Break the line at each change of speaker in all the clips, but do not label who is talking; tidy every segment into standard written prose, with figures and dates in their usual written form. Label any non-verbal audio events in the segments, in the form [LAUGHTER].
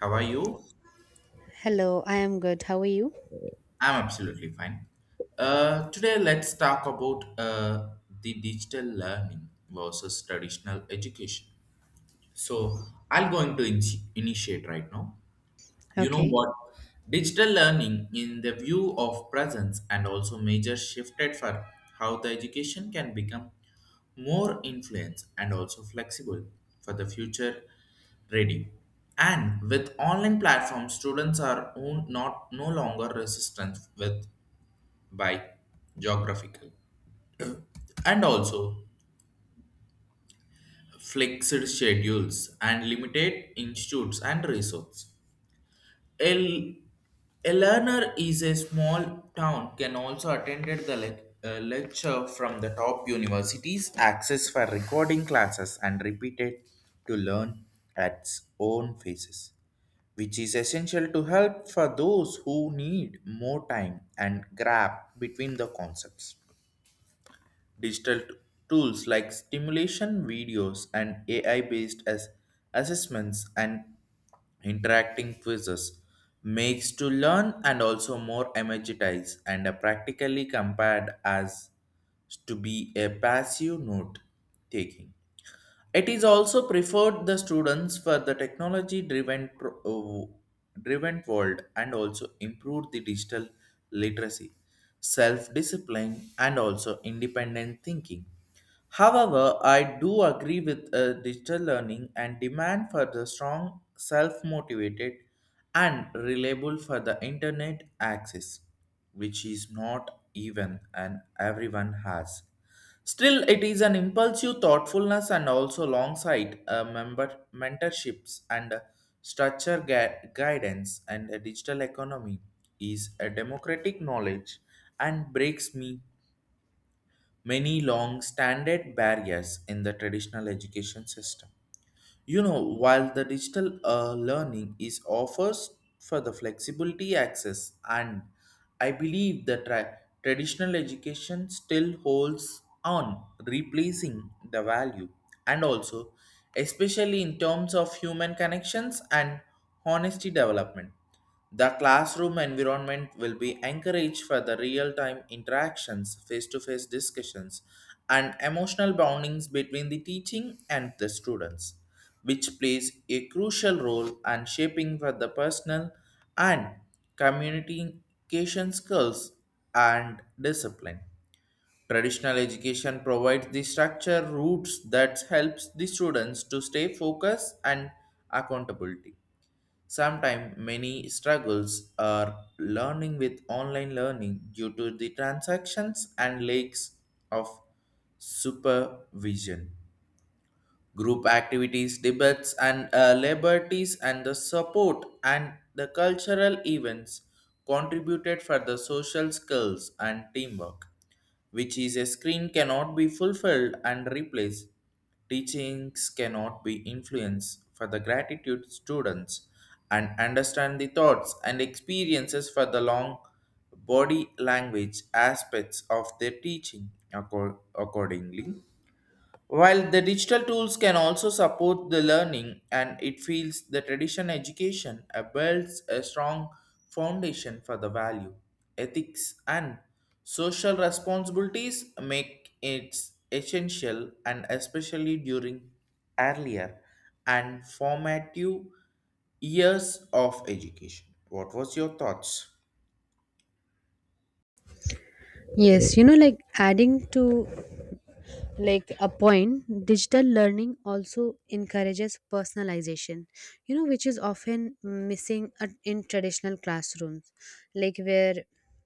How are you?
Hello, I am good. How are you?
I'm absolutely fine. Today, let's talk about the digital learning versus traditional education. So, I'll going to initiate right now. You know
Okay.
what? Digital learning, in the view of presence, and also major shifted for how the education can become more influence and also flexible for the future ready. And with online platforms, students are not no longer resistant with by geographical and also flexed schedules and limited institutes and resources El, a learner is a small town can also attend the lecture from the top universities, access for recording classes, and repeated to learn at its own paces, which is essential to help for those who need more time and grab between the concepts. Digital tools like stimulation videos and AI based as assessments and interacting quizzes makes to learn and also more energized and are practically compared as to be a passive note taking. It is also preferred the students for the technology driven world and also improve the digital literacy, self discipline and also independent thinking. However, I do agree with digital learning and demand for the strong self motivated and reliable for the internet access, which is not even and everyone has. Still, it is an impulsive thoughtfulness and also alongside member mentorships and structure guidance, and a digital economy is a democratic knowledge and breaks me many long standard barriers in the traditional education system. While the digital learning is offers for the flexibility access, and I believe the traditional education still holds on replacing the value, and also especially in terms of human connections and honesty development. The classroom environment will be encouraged for the real time interactions, face to face discussions, and emotional bondings between the teaching and the students, which plays a crucial role in shaping for the personal and communication skills and discipline. Traditional education provides the structure routes that helps the students to stay focused and accountability. Sometimes many struggles are learning with online learning due to the transactions and lacks of supervision group activities, debates, and liberties, and the support and the cultural events contributed for the social skills and teamwork, which is a screen cannot be fulfilled and replaced. Teachings cannot be influenced for the gratitude students and understand the thoughts and experiences for the long body language aspects of their teaching accordingly, while the digital tools can also support the learning, and it feels the traditional education builds a strong foundation for the value, ethics and social responsibilities, make it essential and especially during earlier and formative years of education. What was your thoughts?
Yes, you know, like adding to like a point, digital learning also encourages personalization, you know, which is often missing in traditional classrooms, like where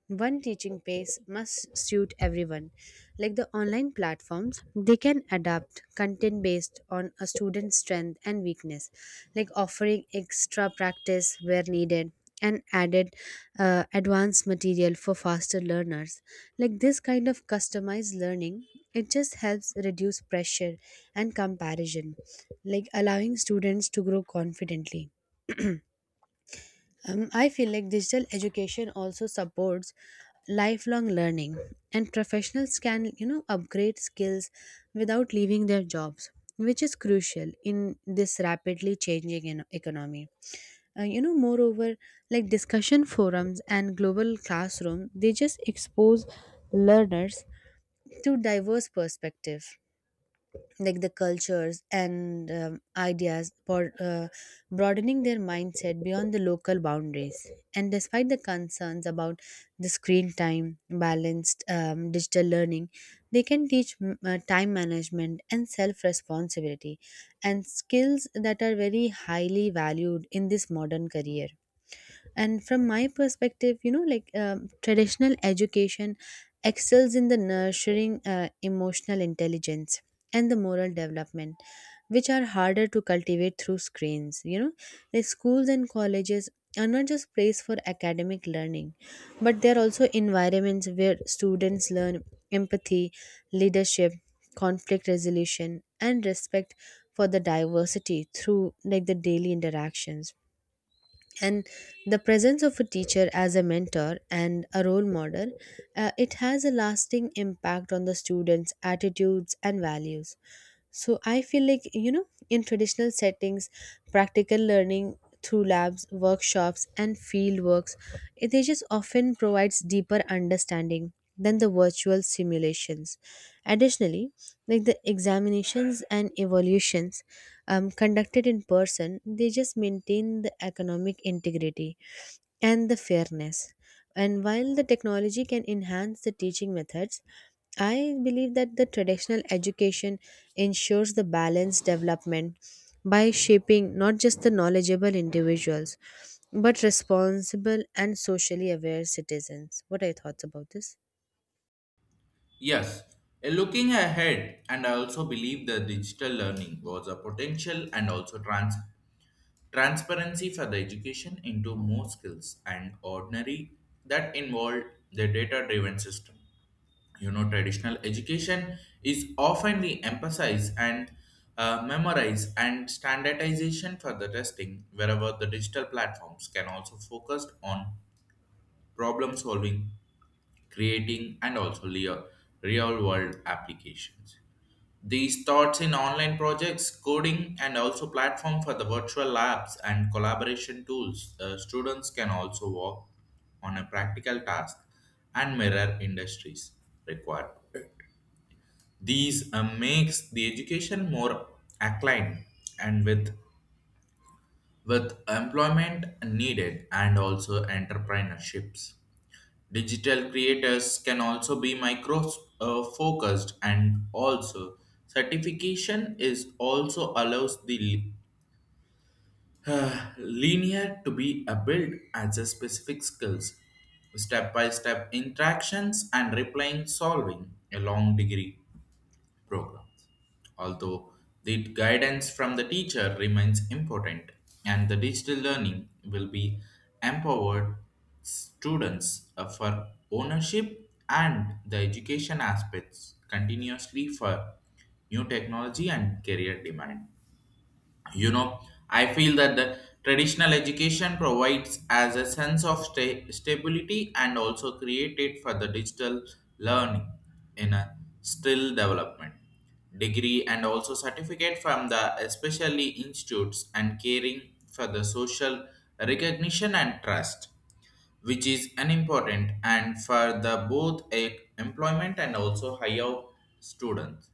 one teaching pace must suit everyone. Like the online platforms, they can adapt content based on a student's strength and weakness, like offering extra practice where needed and added advanced material for faster learners, like this kind of customized learning, it just helps reduce pressure and comparison, like allowing students to grow confidently. I feel like digital education also supports lifelong learning, and professionals can, you know, upgrade skills without leaving their jobs, which is crucial in this rapidly changing economy. You know, moreover, like discussion forums and global classroom, they just expose learners to diverse perspective, like the cultures and ideas for broadening their mindset beyond the local boundaries. And despite the concerns about the screen time, balanced digital learning, they can teach time management and self responsibility, and skills that are very highly valued in this modern career. And from my perspective, you know, like traditional education excels in the nurturing emotional intelligence and the moral development, which are harder to cultivate through screens, you know. The schools and colleges are not just place for academic learning, but they are also environments where students learn empathy, leadership, conflict resolution, and respect for the diversity through like the daily interactions, and the presence of a teacher as a mentor and a role model, it has a lasting impact on the students attitudes and values. So I feel like, you know, in traditional settings, practical learning through labs, workshops, and field works, it they just often provides deeper understanding than the virtual simulations. Additionally, like the examinations and evaluations conducted in person, they just maintain the economic integrity and the fairness. And while the technology can enhance the teaching methods, I believe that the traditional education ensures the balanced development by shaping not just the knowledgeable individuals, but responsible and socially aware citizens. What are your thoughts about this?
Yes, looking ahead, and I also believe the digital learning was a potential and also transparency for the education into more skills and ordinary that involve the data-driven system. You know, traditional education is often the emphasize and memorize and standardization for the testing, wherever the digital platforms can also focus on problem solving, creating, and also real world applications. These starts in online projects, coding, and also platform for the virtual labs and collaboration tools. Students can also work on a practical task and mirror industries required. These makes the education more aligned and with employment needed and also entrepreneurships. Digital creators can also be micro focused, and also certification is also allows the [SIGHS] linear to be a built as a specific skills, step by step interactions and replying solving a long degree programs. Although the guidance from the teacher remains important, and the digital learning will be empowered students for ownership and the education aspects continuously for new technology and career demand. You know i feel that the traditional education provides as a sense of stability and also created for the digital learning in a still development, degree and also certificate from the especially institutes and caring for the social recognition and trust, which is unimportant and for the both employment and also higher students.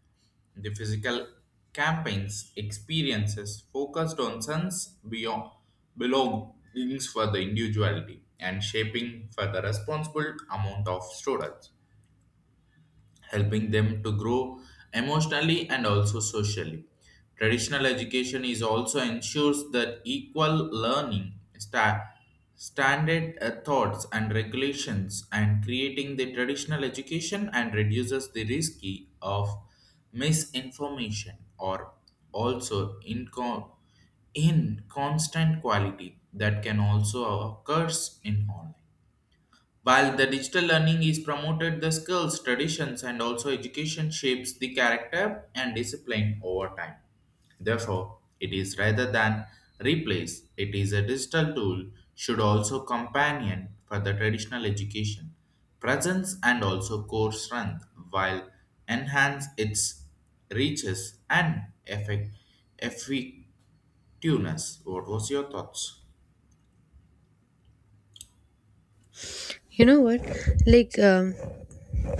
The physical campaigns experiences focused on sense beyond belongings for the individuality and shaping for the responsible amount of students, helping them to grow emotionally and also socially. Traditional education is also ensures that equal learning standard thoughts and regulations, and creating the traditional education and reduces the risky of misinformation or also in constant quality that can also occurs in online, while the digital learning is promoted, the skills, traditions, and also education shapes the character and discipline over time. Therefore, it is rather than replace, it is a digital tool should also companion for the traditional education, presence and also core strength while enhance its reaches and effectiveness. What was your thoughts?
You know what? Like,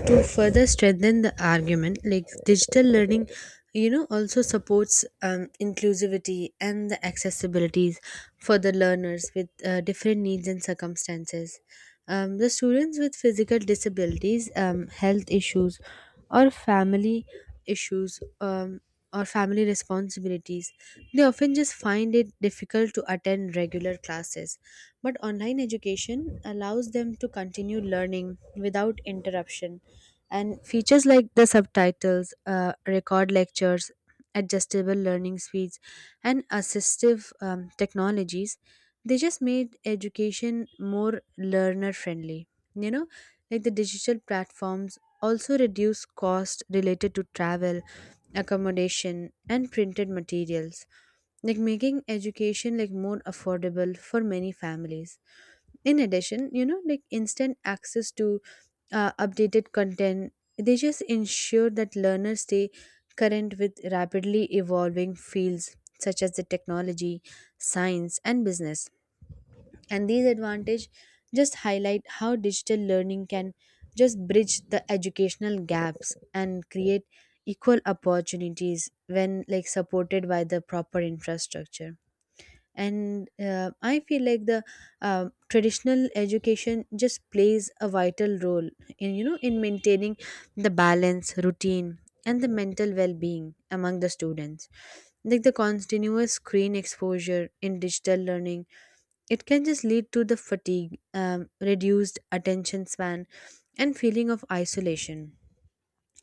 to further strengthen the argument, like digital learning, you know, also supports inclusivity and the accessibilities for the learners with different needs and circumstances. The students with physical disabilities, health issues, or family issues. Or family responsibilities, they often just find it difficult to attend regular classes. But online education allows them to continue learning without interruption. And features like the subtitles, record lectures, adjustable learning speeds, and assistive technologies, they just made education more learner friendly. You know, like the digital platforms also reduce cost related to travel, accommodation, and printed materials, like making education like more affordable for many families. In addition, you know, like instant access to updated content, they just ensure that learners stay current with rapidly evolving fields such as the technology, science, and business. And these advantage just highlight how digital learning can just bridge the educational gaps and create equal opportunities when like supported by the proper infrastructure. And I feel like the traditional education just plays a vital role in, you know, in maintaining the balance routine and the mental well-being among the students. Like the continuous screen exposure in digital learning, it can just lead to the fatigue, reduced attention span, and feeling of isolation.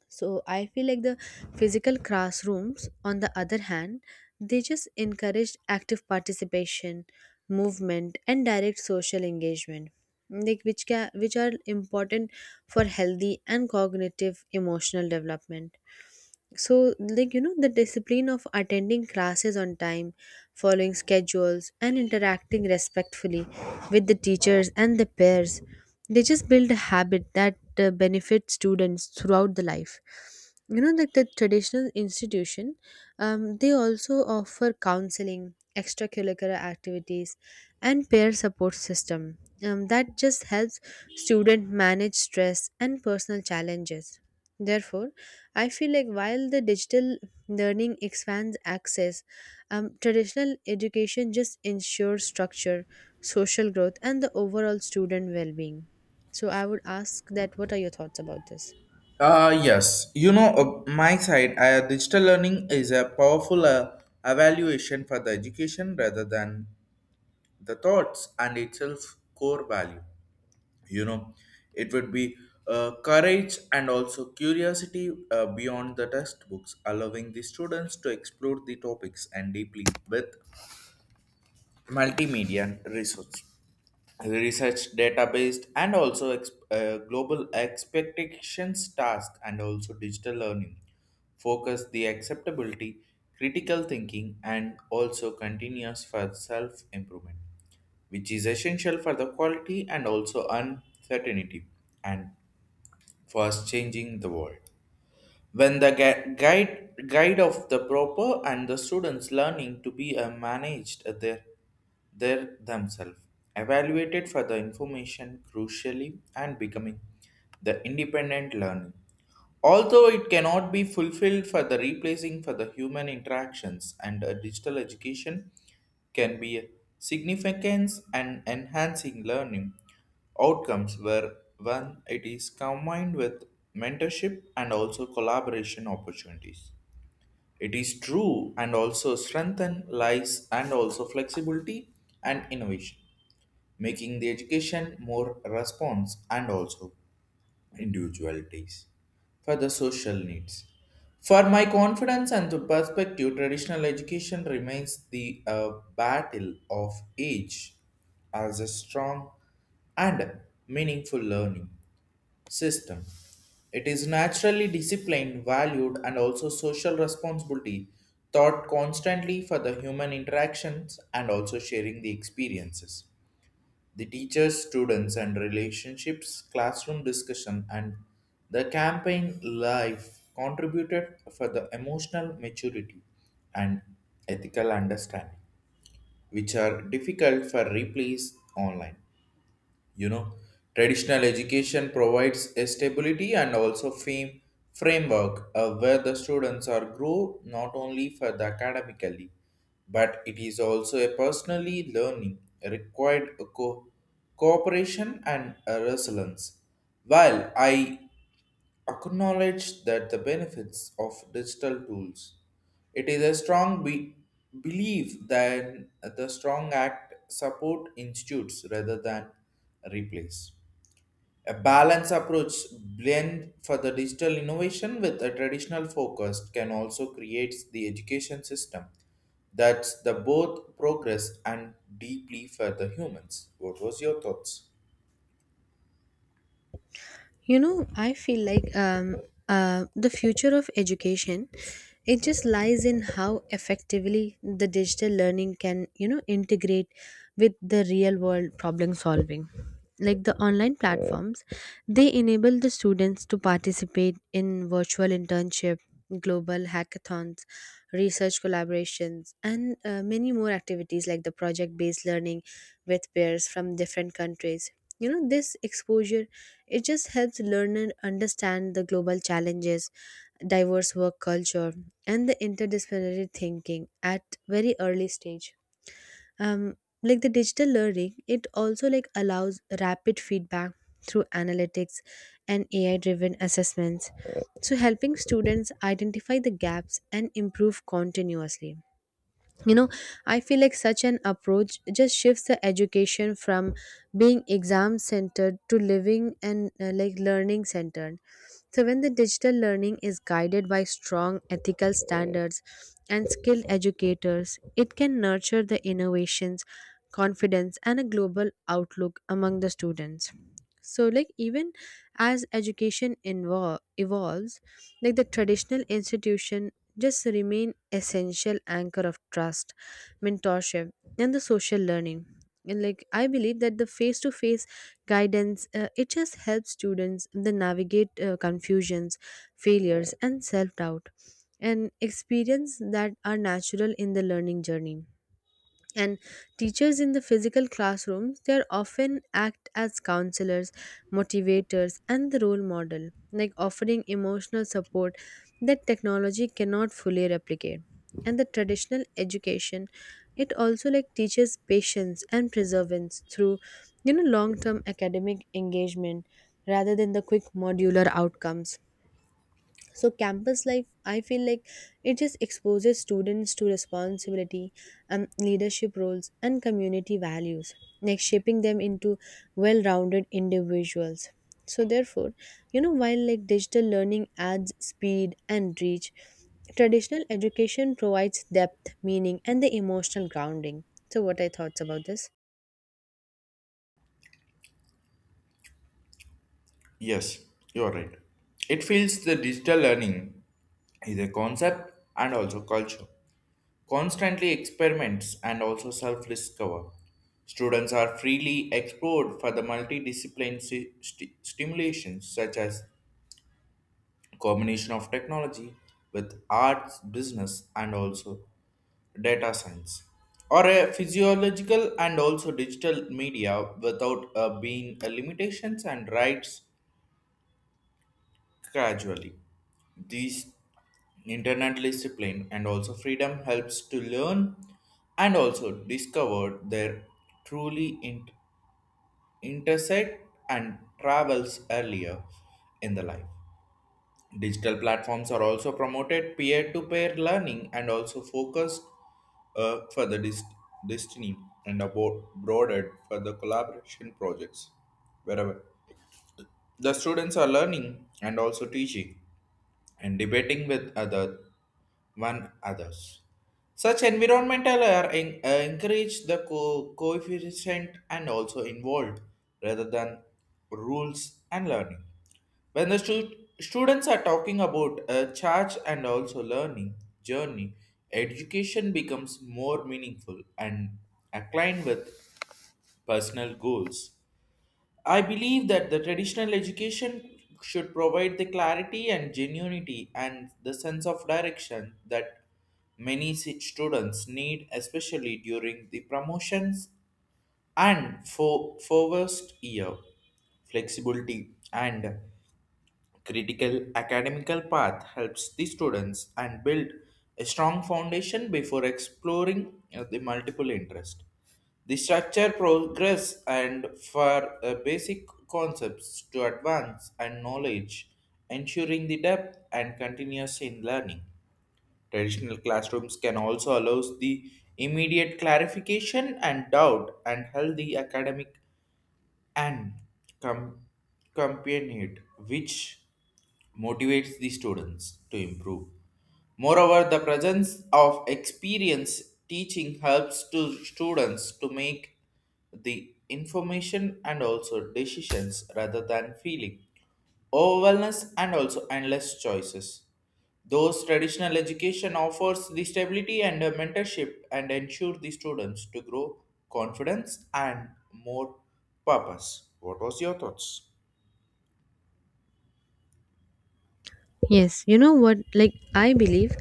So I feel like the physical classrooms, on the other hand, they just encouraged active participation, movement, and direct social engagement, which are important for healthy and cognitive emotional development. So, like, you know, the discipline of attending classes on time, following schedules, and interacting respectfully with the teachers and the peers, they just build a habit that benefits students throughout the life. You know, like the traditional institution, they also offer counseling, extracurricular activities, and peer support system, that just helps student manage stress and personal challenges. Therefore, I feel like while the digital learning expands access, traditional education just ensures structure, social growth, and the overall student well being. So I would ask that what are your thoughts about this?
Yes, my side, digital learning is a powerful evaluation for the education rather than the thoughts and itself core value. You know, it would be courage and also curiosity beyond the textbooks, allowing the students to explore the topics and deeply with multimedia resources, research database, and also global expectations task. And also digital learning focus the acceptability, critical thinking, and also continuous for self improvement, which is essential for the quality and also uncertainty and fast changing the world. When the guide of the proper and the students learning to be managed their themselves, evaluated for the information crucially and becoming the independent learning. Although it cannot be fulfilled for the replacing for the human interactions, and digital education can be significant and enhancing learning outcomes where when it is combined with mentorship and also collaboration opportunities. It is true and also strengthen lies and also flexibility and innovation, making the education more response and also individualities for the social needs. For my confidence and to perspective, traditional education remains the battle of age as a strong and meaningful learning system. It is naturally disciplined, valued, and also social responsibility taught constantly for the human interactions and also sharing the experiences. The teachers, students, and relationships, classroom discussion, and the campaign life contributed for the emotional maturity and ethical understanding, which are difficult for replace online. You know, traditional education provides a stability and also fame framework where the students are grow not only for the academically, but it is also a personally learning required cooperation and resilience. While I acknowledge that the benefits of digital tools. It is a strong belief that the strong act support institutes rather than replace. A balanced approach blend for the digital innovation with a traditional focus can also create the education system that's the both progress and deeply for the humans. What was your thoughts?
You know, I feel like the future of education, it just lies in how effectively the digital learning can, you know, integrate with the real world problem solving. Like the online platforms, they enable the students to participate in virtual internship, global hackathons, research collaborations, and many more activities like the project based learning with peers from different countries. You know, this exposure, it just helps learners understand the global challenges, diverse work culture, and the interdisciplinary thinking at very early stage. Um, like the digital learning, it also like allows rapid feedback through analytics and AI-driven assessments, so helping students identify the gaps and improve continuously. You know, I feel like such an approach just shifts the education from being exam centered to living and like learning centered. So, when the digital learning is guided by strong ethical standards and skilled educators, it can nurture the innovations, confidence, and a global outlook among the students. So, like, even as education evolves, like the traditional institution just remain essential anchor of trust, mentorship, and the social learning. And like I believe that the face to face guidance, it just helps students then navigate confusions, failures, and self doubt, and experience that are natural in the learning journey. And teachers in the physical classrooms, they are often act as counselors, motivators, and the role model, like offering emotional support that technology cannot fully replicate. And the traditional education, it also like teaches patience and perseverance through, you know, long term academic engagement rather than the quick modular outcomes. So campus life, I feel like, it just exposes students to responsibility and leadership roles and community values, like shaping them into well-rounded individuals. So therefore, you know, while like digital learning adds speed and reach, traditional education provides depth, meaning, and the emotional grounding. So what are your thoughts about this?
Yes, you are right. It feels the digital learning is a concept and also culture. Constantly experiments and also self discover. Students are freely explored for the multidiscipline stimulations such as combination of technology with arts, business, and also data science, or a physiological and also digital media without being a limitations and rights. Gradually, these internet discipline and also freedom helps to learn and also discover their truly intersect and travels earlier in the life. Digital platforms are also promoted peer-to-peer learning and also focused for the destiny and about broader for the collaboration projects, wherever the students are learning and also teaching and debating with other one others. Such environmental are encourage the coefficient and also involved rather than rules and learning. When the students are talking about a charge and also learning journey, education becomes more meaningful and aligned with personal goals. I believe that the traditional education should provide the clarity and genuinity and the sense of direction that many students need, especially during the promotions and for first year flexibility, and critical academical path helps the students and build a strong foundation before exploring the multiple interest. The structure progress and for basic concepts to advance and knowledge, ensuring the depth and continuous in learning. Traditional classrooms can also allow the immediate clarification and doubt and healthy academic and com- companionate, which motivates the students to improve. Moreover, the presence of experience teaching helps to students to make the information and also decisions rather than feeling overwhelmness and also endless choices. Those traditional education offers the stability and a mentorship and ensure the students to grow confidence and more purpose. What was your thoughts?
Yes, you know what? Like, I believe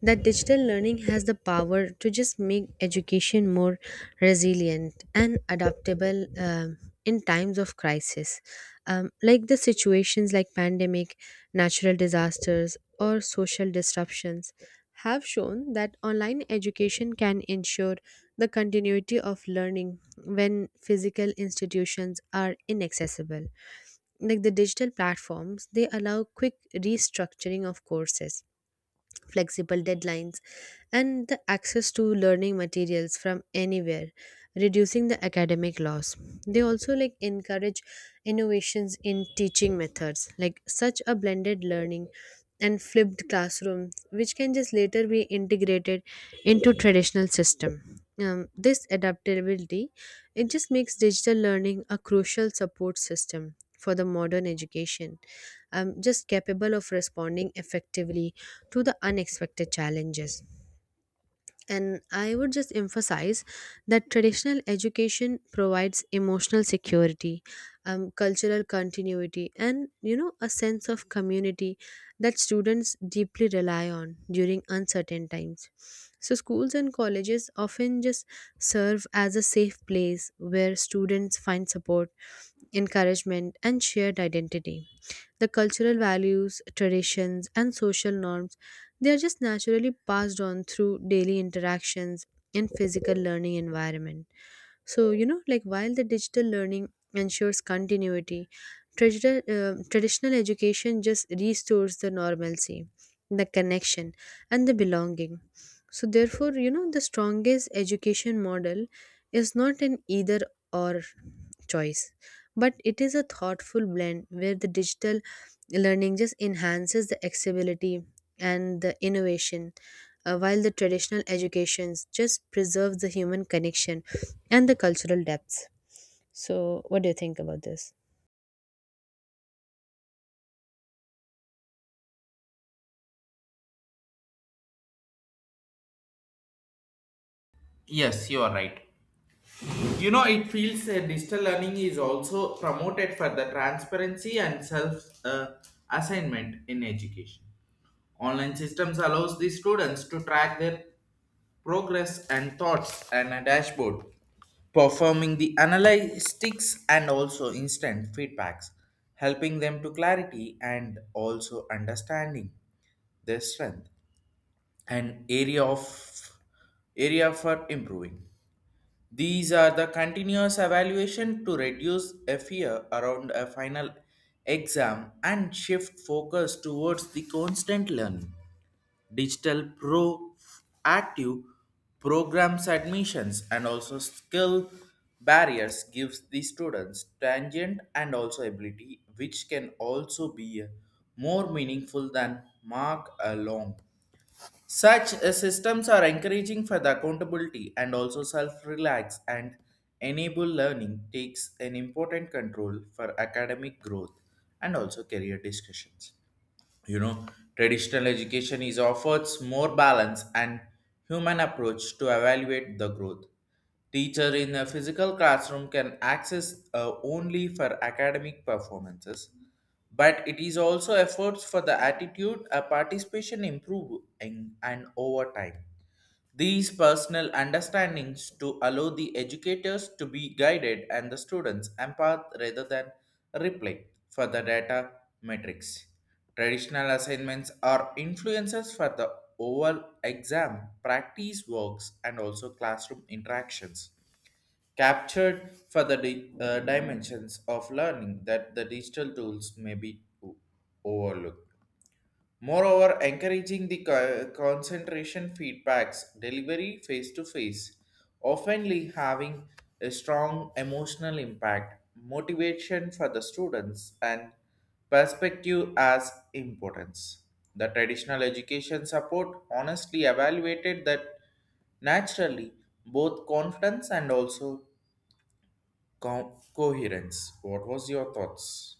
that digital learning has the power to just make education more resilient and adaptable, in times of crisis. Like the situations like pandemic, natural disasters, or social disruptions have shown that online education can ensure the continuity of learning when physical institutions are inaccessible. Like the digital platforms, they allow quick restructuring of courses, flexible deadlines, and the access to learning materials from anywhere, reducing the academic loss. They also like encourage innovations in teaching methods, like such a blended learning and flipped classroom, which can just later be integrated into traditional system. This adaptability, it just makes digital learning a crucial support system for the modern education, just capable of responding effectively to the unexpected challenges. And I would just emphasize that traditional education provides emotional security, cultural continuity, and, you know, a sense of community that students deeply rely on during uncertain times. So schools and colleges often just serve as a safe place where students find support, encouragement, and shared identity. The cultural values, traditions, and social norms, they are just naturally passed on through daily interactions and physical learning environment. So, you know, like while the digital learning ensures continuity, traditional education just restores the normalcy, the connection, and the belonging. So, therefore, you know, the strongest education model is not an either or choice, but it is a thoughtful blend where the digital learning just enhances the accessibility and the innovation, while the traditional educations just preserves the human connection and the cultural depth. So what do you think about this?
Yes, you are right. You know, it feels that digital learning is also promoted for the transparency and self assignment in education. Online systems allows the students to track their progress and thoughts and a dashboard performing the analytics and also instant feedbacks, helping them to clarity and also understanding their strength and area for improving. These are the continuous evaluation to reduce a fear around a final exam and shift focus towards the constant learning. Digital proactive programs, admissions, and also skill barriers gives the students tangent and also ability, which can also be more meaningful than mark alone. Such systems are encouraging for the accountability and also self-relax, and enable learning takes an important control for academic growth and also career discussions. You know, traditional education is offers more balance and human approach to evaluate the growth. Teacher in a physical classroom can access only for academic performances, but it is also efforts for the attitude, a participation improve in, and over time. These personal understandings to allow the educators to be guided and the students empath rather than replay for the data metrics. Traditional assignments are influences for the oral exam, practice works, and also classroom interactions captured for the dimensions of learning that the digital tools may be overlooked. Moreover, encouraging the concentration feedbacks delivery face to face, often having a strong emotional impact, motivation for the students, and perspective as importance. The traditional education support honestly evaluated that naturally both confidence and also coherence. What was your thoughts?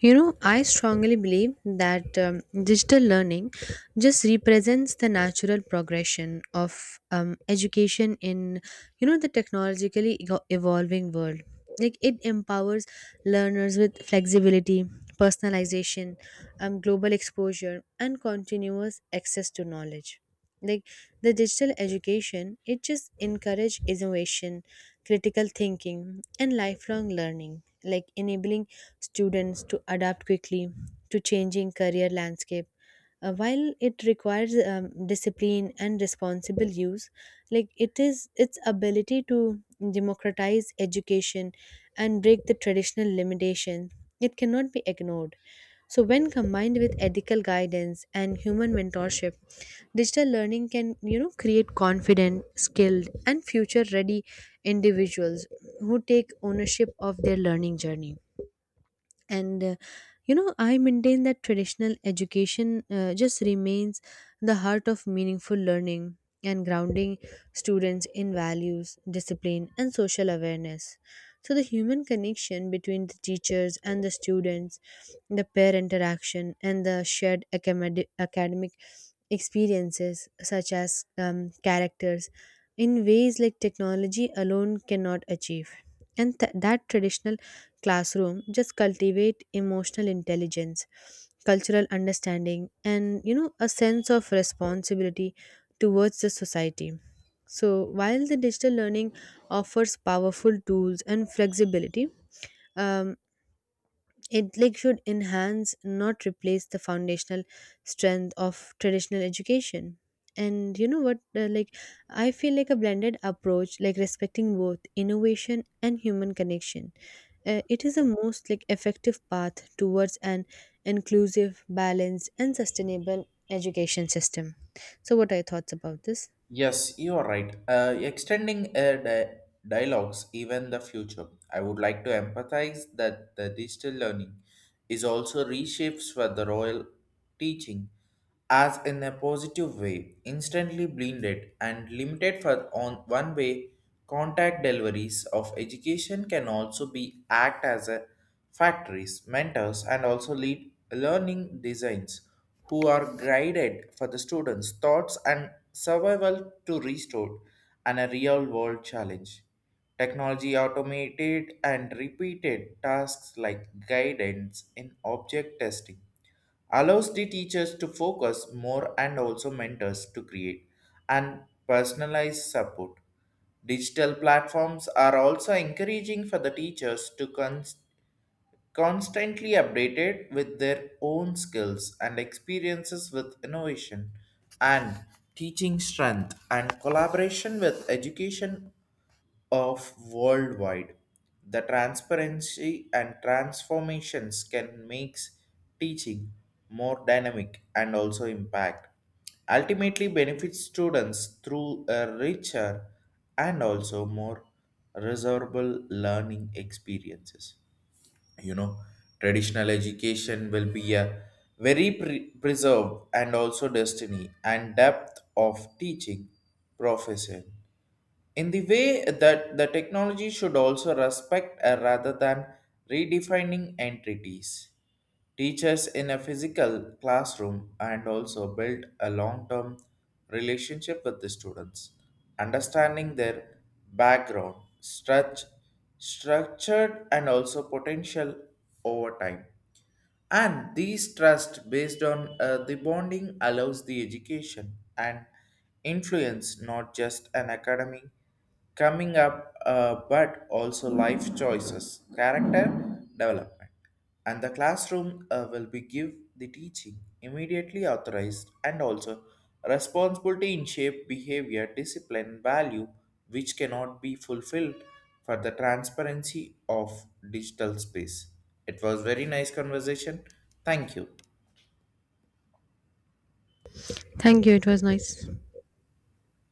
You know, I strongly believe that digital learning just represents the natural progression of education in, you know, the technologically evolving world. Like it empowers learners with flexibility, personalization, global exposure, and continuous access to knowledge. Like the digital education, it just encourages innovation, critical thinking, and lifelong learning, like enabling students to adapt quickly to changing career landscape. While it requires discipline and responsible use, like it is its ability to democratize education and break the traditional limitation, it cannot be ignored. So, when combined with ethical guidance and human mentorship, digital learning can, you know, create confident, skilled, and future ready individuals who take ownership of their learning journey. And you know, I maintain that traditional education just remains the heart of meaningful learning and grounding students in values, discipline, and social awareness. So the human connection between the teachers and the students, the peer interaction, and the shared academic experiences such as characters in ways like technology alone cannot achieve. And that traditional classroom just cultivate emotional intelligence, cultural understanding, and, you know, a sense of responsibility towards the society. So while the digital learning offers powerful tools and flexibility, um, it like should enhance, not replace the foundational strength of traditional education. And you know what? Like, I feel like a blended approach, like respecting both innovation and human connection. It is the most like effective path towards an inclusive, balanced, and sustainable education system. So, what are your thoughts about this?
Yes, you are right. Extending dialogues, even the future. I would like to empathize that the digital learning is also reshapes for the royal teaching as in a positive way, instantly blended and limited for on one way contact deliveries of education, can also be act as a factories, mentors and also lead learning designs who are guided for the students' thoughts and survival to restore and a real world challenge. Technology automated and repeated tasks like guidance in object testing allows the teachers to focus more, and also mentors to create and personalized support. Digital platforms are also encouraging for the teachers to constantly updated with their own skills and experiences with innovation and teaching strength and collaboration with education of worldwide. The transparency and transformations can make teaching more dynamic and also impact. Ultimately benefits students through a richer and also more reservable learning experiences. You know, traditional education will be a very preserved and also destiny and depth of teaching profession in the way that the technology should also respect rather than redefining entities. Teachers in a physical classroom and also build a long term relationship with the students, understanding their background, struct- structured, and also potential over time, and these trust based on the bonding allows the education and influence not just an academy coming up, but also life choices, character development. And the classroom will be give the teaching immediately authorized and also responsibility in shape behavior discipline value, which cannot be fulfilled for the transparency of digital space. It was very nice conversation. Thank you.
Thank you. It was nice.